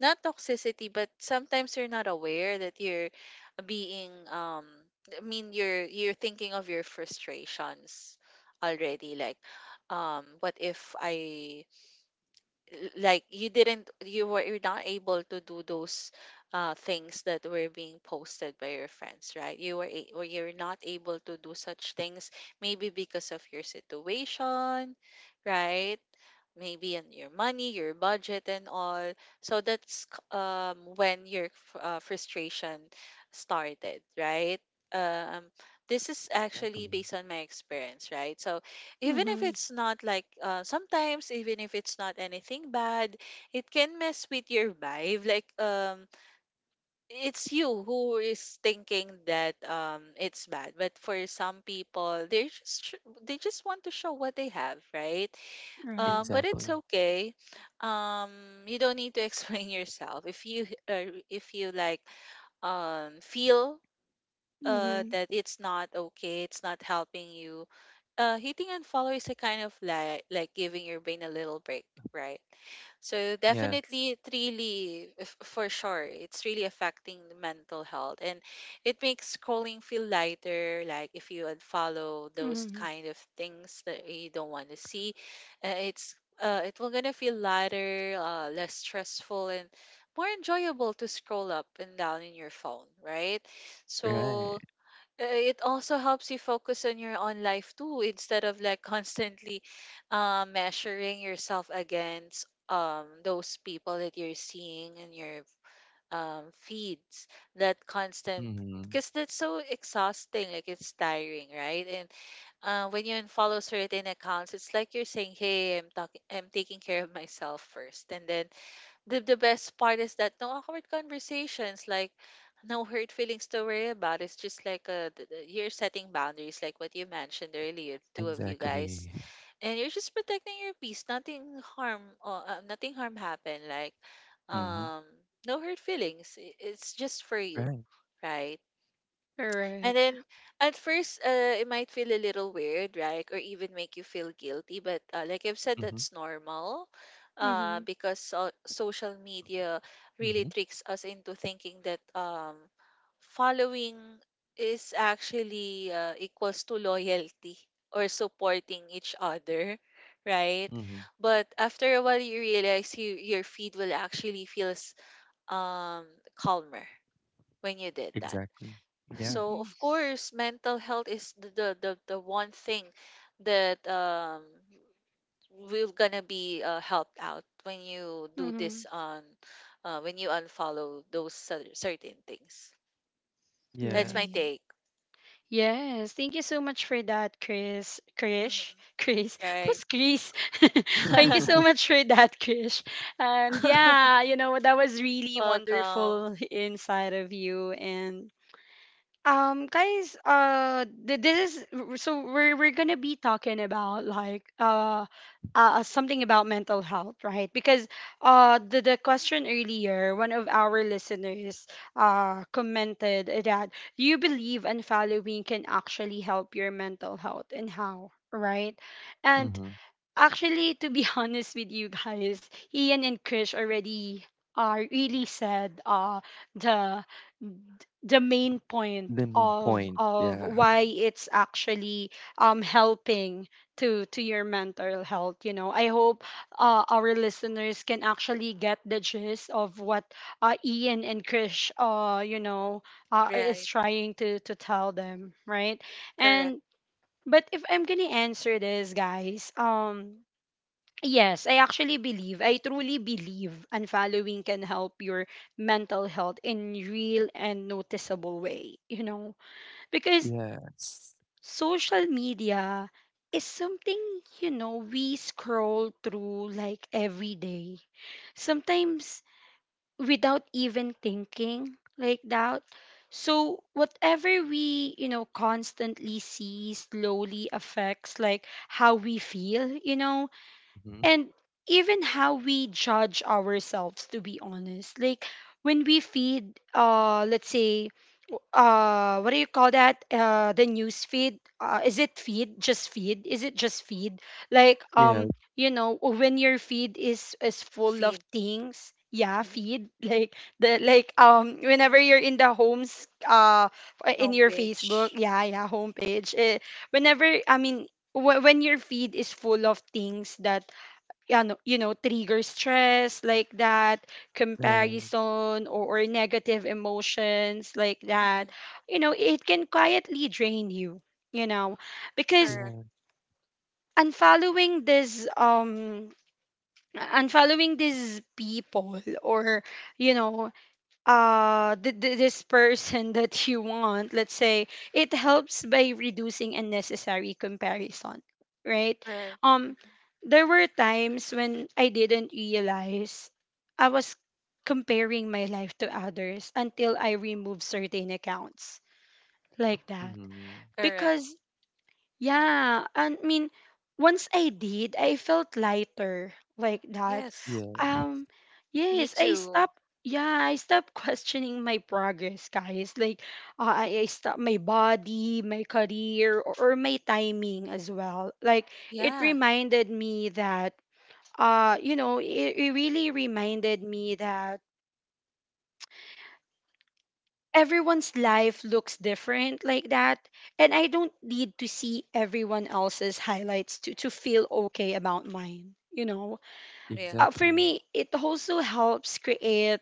Not toxicity, but sometimes you're not aware that you're being I mean, you're thinking of your frustrations already. Like what if I like, you didn't you were you're not able to do those things that were being posted by your friends, right? Or you're not able to do such things maybe because of your situation, right? Maybe on your money, your budget, and all. So that's when your frustration started, right? Um, this is actually
Exactly.
based on my experience, right? So even if
Mm-hmm.
it's not like sometimes, even if it's not anything bad, it can mess with your vibe. Like it's you who is thinking that it's bad, but for some people, they just want to show what they have, right?
Right.
But it's
Exactly.
okay. You don't need to explain *laughs* yourself. If you like feel
Mm-hmm.
that it's not okay, it's not helping you, hitting unfollow is a kind of like giving your brain a little break, right? So
Yes.
definitely, it really for sure, it's really affecting the mental health, and it makes scrolling feel lighter. Like if you unfollow those
Mm-hmm.
kind of things that you don't want to see, uh, it's it will gonna feel lighter, less stressful, and more enjoyable to scroll up and down in your phone, right? So
Right.
it also helps you focus on your own life too, instead of like constantly measuring yourself against those people that you're seeing in your feeds, that constant,
Mm-hmm.
because that's so exhausting, like it's tiring, right? And when you unfollow certain accounts, it's like you're saying, hey, I'm taking care of myself first. And then the best part is that no awkward conversations, like no hurt feelings to worry about. It's just like you're setting boundaries, like what you mentioned earlier, the two of you
Exactly.
guys, and you're just protecting your peace. Nothing harm happened. Like,
Mm-hmm.
um, no hurt feelings. It's just for you,
Right.
right? And
Correct.
then at first, it might feel a little weird, right? Or even make you feel guilty. But like I've said,
Mm-hmm.
that's normal,
Mm-hmm.
because social media
Mm-hmm.
really tricks us into thinking that following is actually equals to loyalty or supporting each other, right?
Mm-hmm.
But after a while, you realize you, your feed will actually feels um, calmer when you did that.
Exactly. Yeah.
So
Mm-hmm.
of course, mental health is the one thing that are gonna be helped out when you do
Mm-hmm.
this on, when you unfollow those certain things. That's my
Yes.
Right.
take.
Yes, thank you so much for that, Chris. Krish,
Hmm.
*laughs* Chris,
Right.
who's Chris? *laughs* Thank
*laughs*
you so
mm-hmm.
*laughs*
much for that, Krish. And yeah, you know, that was really
Welcome.
wonderful *laughs* inside of you. And guys, this is so we're gonna be talking about, like, something about mental health, right? Because the question earlier, one of our listeners commented that, "Do you believe unfollowing can actually help your mental health and how, right? And actually, to be *laughs* honest with you guys, Ian and Krish already are really said the the main point
Limiting point.
of
Yeah.
why it's actually helping to your mental health, you know. I hope our listeners can actually get the gist of what Ian and Krish you know, is
Right.
trying to tell them, right?
Correct.
And but if I'm gonna answer this, guys, um. I truly believe unfollowing can help your mental health in real and noticeable way, you know, because
Yes.
social media is something, you know, we scroll through like every day. Sometimes without even thinking, like that. So whatever we, you know, constantly see slowly affects like how we feel, you know,
Mm-hmm.
and even how we judge ourselves, to be honest. Like when we feed, let's say, what do you call that, the news feed? Is it just feed, like,
Yeah.
um, you know, when your feed is full of
Feed.
things? Yeah,
Mhm.
feed, *laughs* like the, like, um, whenever you're in the homes, in your Facebook,
Homepage.
yeah, homepage, eh, whenever I mean, when your feed is full of things that you know, you know, trigger stress, like that,
Mhm.
Right.
comparison, or negative emotions like that,
Mhm.
you know, it can quietly drain you, you know. Because
Correct.
Yeah.
unfollowing this, um, unfollowing these people, or you know, this person *laughs* that you want, let's say, it helps by reducing unnecessary comparison, right?
Right.
Um,
Mhm.
there were times when I didn't realize I was comparing my life to others until I removed certain accounts like that.
Mm-hmm.
Correct.
Because yeah, and I mean, once I did, I felt lighter like that.
Yes.
Yeah.
Um,
Me
yes, I
too.
stopped. Yeah, I stopped *laughs* questioning my progress, guys. Like, I stopped my body, my career, or my timing as well. Like, it
Yeah.
reminded me that, you know, it really reminded me that everyone's
Hmm.
life looks different, like that, and I don't need to see everyone else's highlights to feel okay about mine, you know.
Yeah.
Uh, for
Exactly.
me, it also helps create,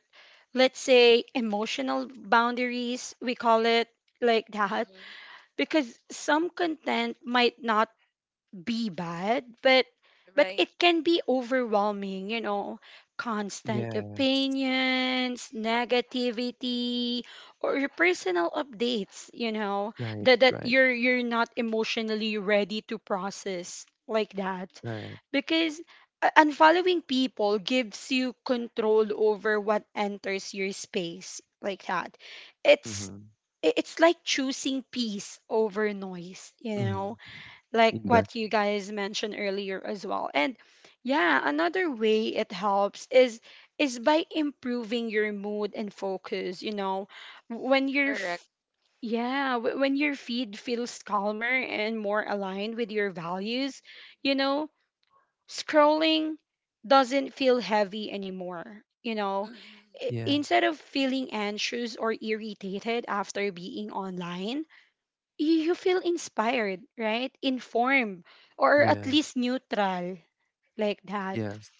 let's say, emotional boundaries, we call it, like that,
Mm-hmm.
because some content might not be bad, but
Right.
it can be overwhelming, you know, constant
Yes.
opinions, negativity, or personal updates, you know,
Right,
that
right,
you're not emotionally ready to process, like that.
right.
Because unfollowing people gives you control over what enters your space, like that. It's
Mm-hmm.
it's like choosing peace over noise, you
Mm-hmm.
know, like what you
Exactly.
guys mentioned earlier as well. And yeah, another way it helps is by improving your mood and focus, you know. When your
Correct.
yeah, when your feed feels calmer and more aligned with your values, you know, scrolling doesn't feel heavy anymore, you know.
Mm-hmm.
Yeah,
Instead of feeling anxious or irritated after being online, you feel inspired, right? Informed, or at
yeah,
least neutral, like that.
yes.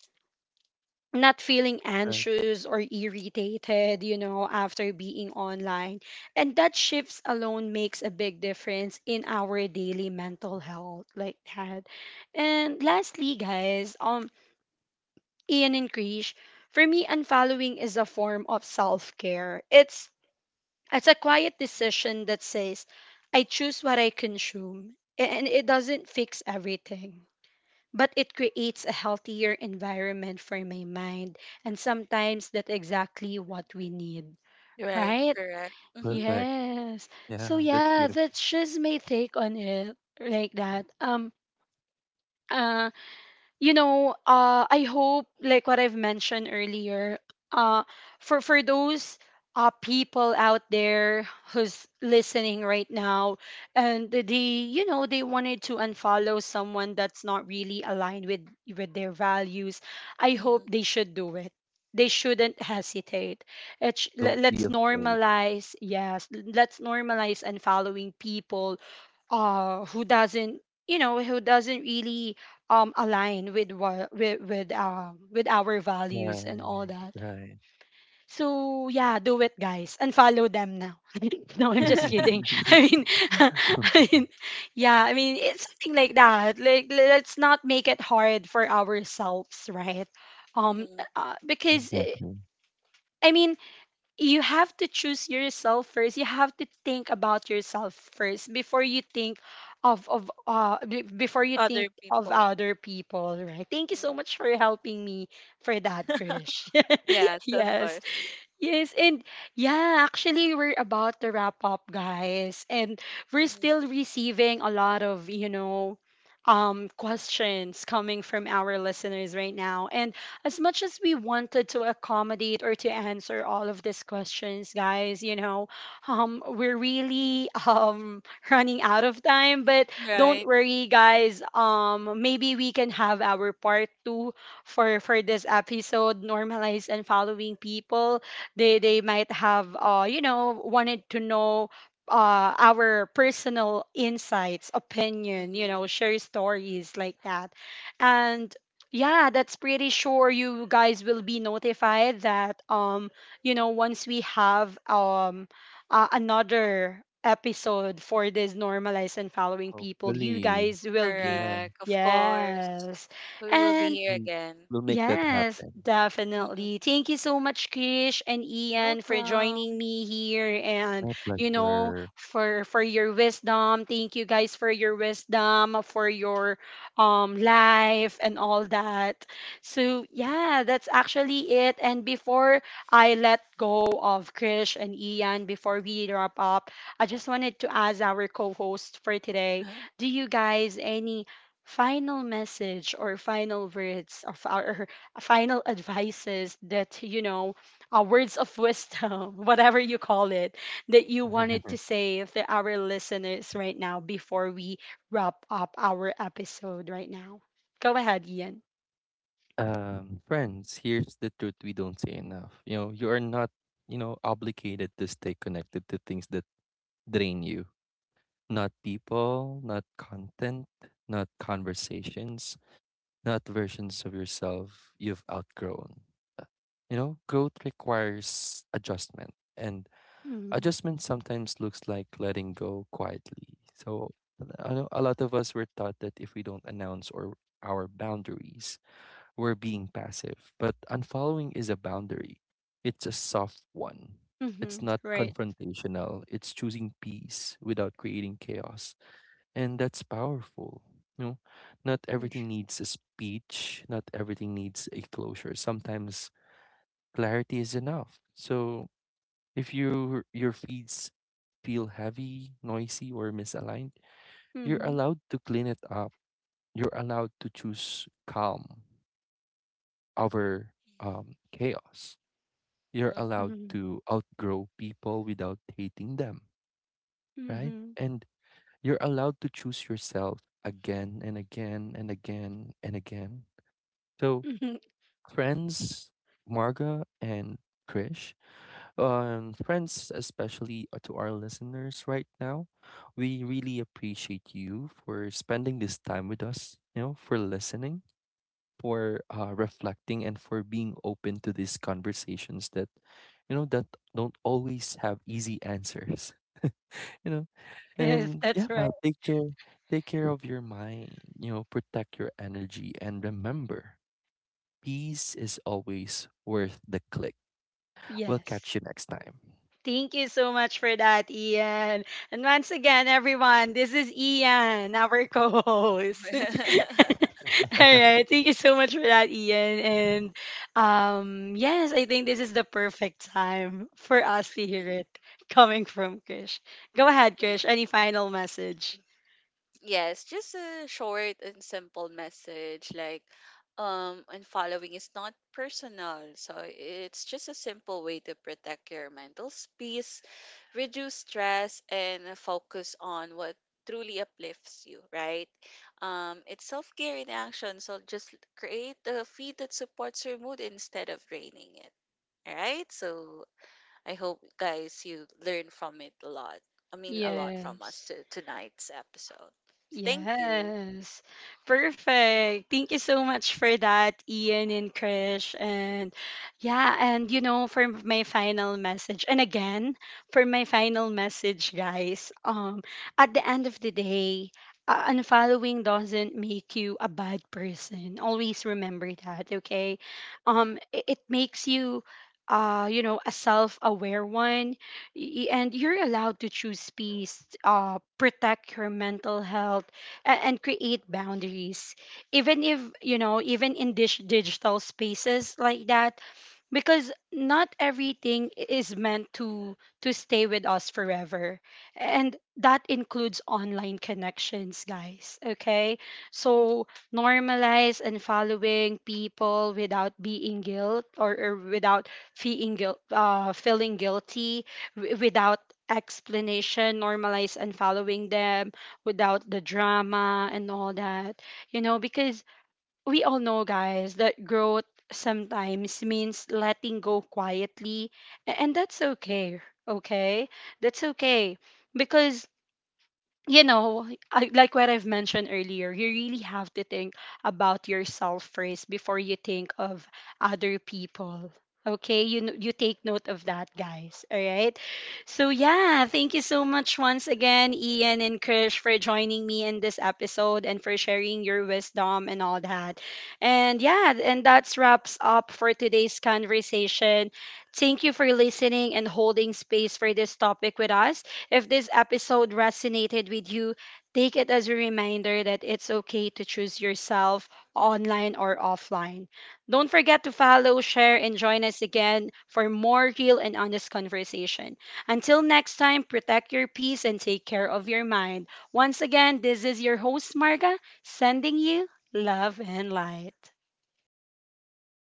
Not feeling
Right.
anxious or irritated, you know, after being online. And that shifts alone makes a big difference in our daily mental health, like that. And lastly, guys, um, Ian and Krish, for me, unfollowing is a form of self care. It's a quiet decision that says, I choose what I consume, and it doesn't fix everything. But it creates a healthier environment for my mind, and sometimes that's exactly what we need,
Right.
right?
Correct. Mm-hmm.
Perfect.
Yes. So
Yeah, that's
yeah,
beautiful.
that's just my take on it, like that. Uh, you know, I hope, like what I've mentioned earlier, uh, for those people out there who's listening right now, and they, you know, they wanted to unfollow someone that's not really aligned with their values. I hope
Mm-hmm.
they should do it. They shouldn't hesitate. It sh- let-
Don't be
let's
afraid.
normalize, yes, let's normalize unfollowing people who doesn't, who doesn't really align with what with our values and all
Right,
that.
right.
So yeah, do it guys and follow them now. *laughs* No, I'm just
*laughs*
kidding. *laughs* i
*laughs*
mean *laughs* i mean yeah, it's something like that. Like, let's not make it hard for ourselves, right? um
Mm-hmm.
uh, because eh,
Exactly.
i mean you have to choose yourself first. You have to think about yourself first before you think before you think
Other
of
people.
other people, right? Thank you so
Mm-hmm.
much for helping me for that, Krish. *laughs*
Yes, of
Yes.
course.
Yes, and yeah, actually, we're about to wrap up, guys, and we're
Mm-hmm.
still receiving a lot of, you know, questions coming from our listeners right now. And as much as we wanted to accommodate or to answer all of these questions, guys, we're really *laughs* running out of time. But don't
Right.
worry, guys. Maybe we can have our part two for this episode, normalize and following people. They might have wanted to know our personal insights, opinion, you
Mm-hmm.
know, share stories like that. And yeah, that's pretty sure you guys will be notified that once we have another episode for this normalize and following people, you
Hopefully.
guys will be.
Yeah,
Correct. Of course.
Yes,
We will be
and
here
we
again.
will make that
yes,
happen.
definitely.
*laughs*
Thank you so much, Krish and Ian, for joining
Welcome.
me here and,
My
you know,
pleasure.
for your wisdom. Thank you guys for your wisdom, for your life and all that. So yeah, that's actually it. And before I let go of Krish and Ian, before we wrap up, I just wanted to ask our co-host for today,
*laughs*
do you guys any final message or final words, of our *laughs* final advices that, you know, words of wisdom, *laughs* whatever you call it, that you wanted to
*laughs*
say to our listeners right now before we wrap up our episode right now. Go ahead, Ian.
Friends, here's the truth we don't say enough. You know, you are not, you know, obligated to stay connected to things that drain you. Not people, not content, not conversations, not versions of yourself you've outgrown. Uh, You know, growth requires adjustment, and
Mm-hmm.
adjustment sometimes looks like letting go quietly. So, I know a lot of us were taught that if we don't announce or our boundaries, we're being passive. But unfollowing is a boundary. It's a soft one. It's
Mm-hmm.
not
Right.
confrontational. It's choosing peace without creating chaos, and that's powerful, you know. Not
Mm-hmm.
everything needs a speech, not everything needs a closure. Sometimes clarity is enough. So if your feeds feel heavy, noisy, or misaligned, you're allowed to clean it up, you're allowed to choose calm over, chaos. You're
Mm-hmm.
allowed
Mm-hmm.
to outgrow people without hating them, right?
Mm-hmm.
And you're allowed to choose yourself again and again and again and again. So
Mm-hmm.
friends, Marga and Krish, friends, especially to our listeners right now, we really appreciate you for spending this time with us, you know, for listening, for reflecting, and for being open to these conversations that, you know, that don't always have easy answers. *laughs* you know,
*laughs* Yes,
and yeah,
that's right.
take care of your mind, you know, protect your energy, and remember peace is always worth the click. We'll
Yes.
catch you next time.
Thank you so much for that, Ian. And once again, everyone, this is Ian, our co host. *laughs* All
*laughs*
*laughs*
right. Thank you so much for that, Ian. And yes, I think this is the perfect time for us to hear it coming from Krish. Go ahead,
Right.
Krish. Any final message?
Yes, just a short and simple message. Like unfollowing is not personal. So it's just a simple way to protect your mental space, reduce stress, and focus on what truly uplifts you, right? It's self-care in action. So just create a feed that supports your mood instead of draining it. All right? So I hope guys you learn from it a lot. I mean a lot from us
Yes.
to tonight's episode. Thank you.
Yes. Perfect. Thank you so much for that, Ian and Krish. And yeah, and you know, for my final message, and again, for my final message, guys, at the end of the day, unfollowing doesn't make you a bad person. Always remember that, okay? It makes you you know, a self-aware one. And you're allowed to choose peace, protect your mental health, and create boundaries. Even if, you know, even in digital spaces like that, because not everything is meant to stay with us forever, and that includes online connections, guys, okay? So normalize and following people without being guilt, or without feeling guilt, feeling guilty, without explanation. Normalize and following them without the drama and all that, you know, because we all know, guys, that growth sometimes means letting go quietly, and that's okay. Okay, that's okay, because, you know, like what I've mentioned earlier, you really have to think about yourself first before you think of other people. Okay, you take note of that, guys. All right. So yeah, thank you so much once again, Ian and Krish, for joining me in this episode and for sharing your wisdom and all that. And yeah, and that's wraps up for today's conversation. Thank you for listening and holding space for this topic with us. If this episode resonated with you, take it as a reminder that it's okay to choose yourself online or offline. Don't forget to follow, share, and join us again for more real and honest conversation. Until next time, protect your peace and take care of your mind. Once again, this is your host, Marga, sending you love and light.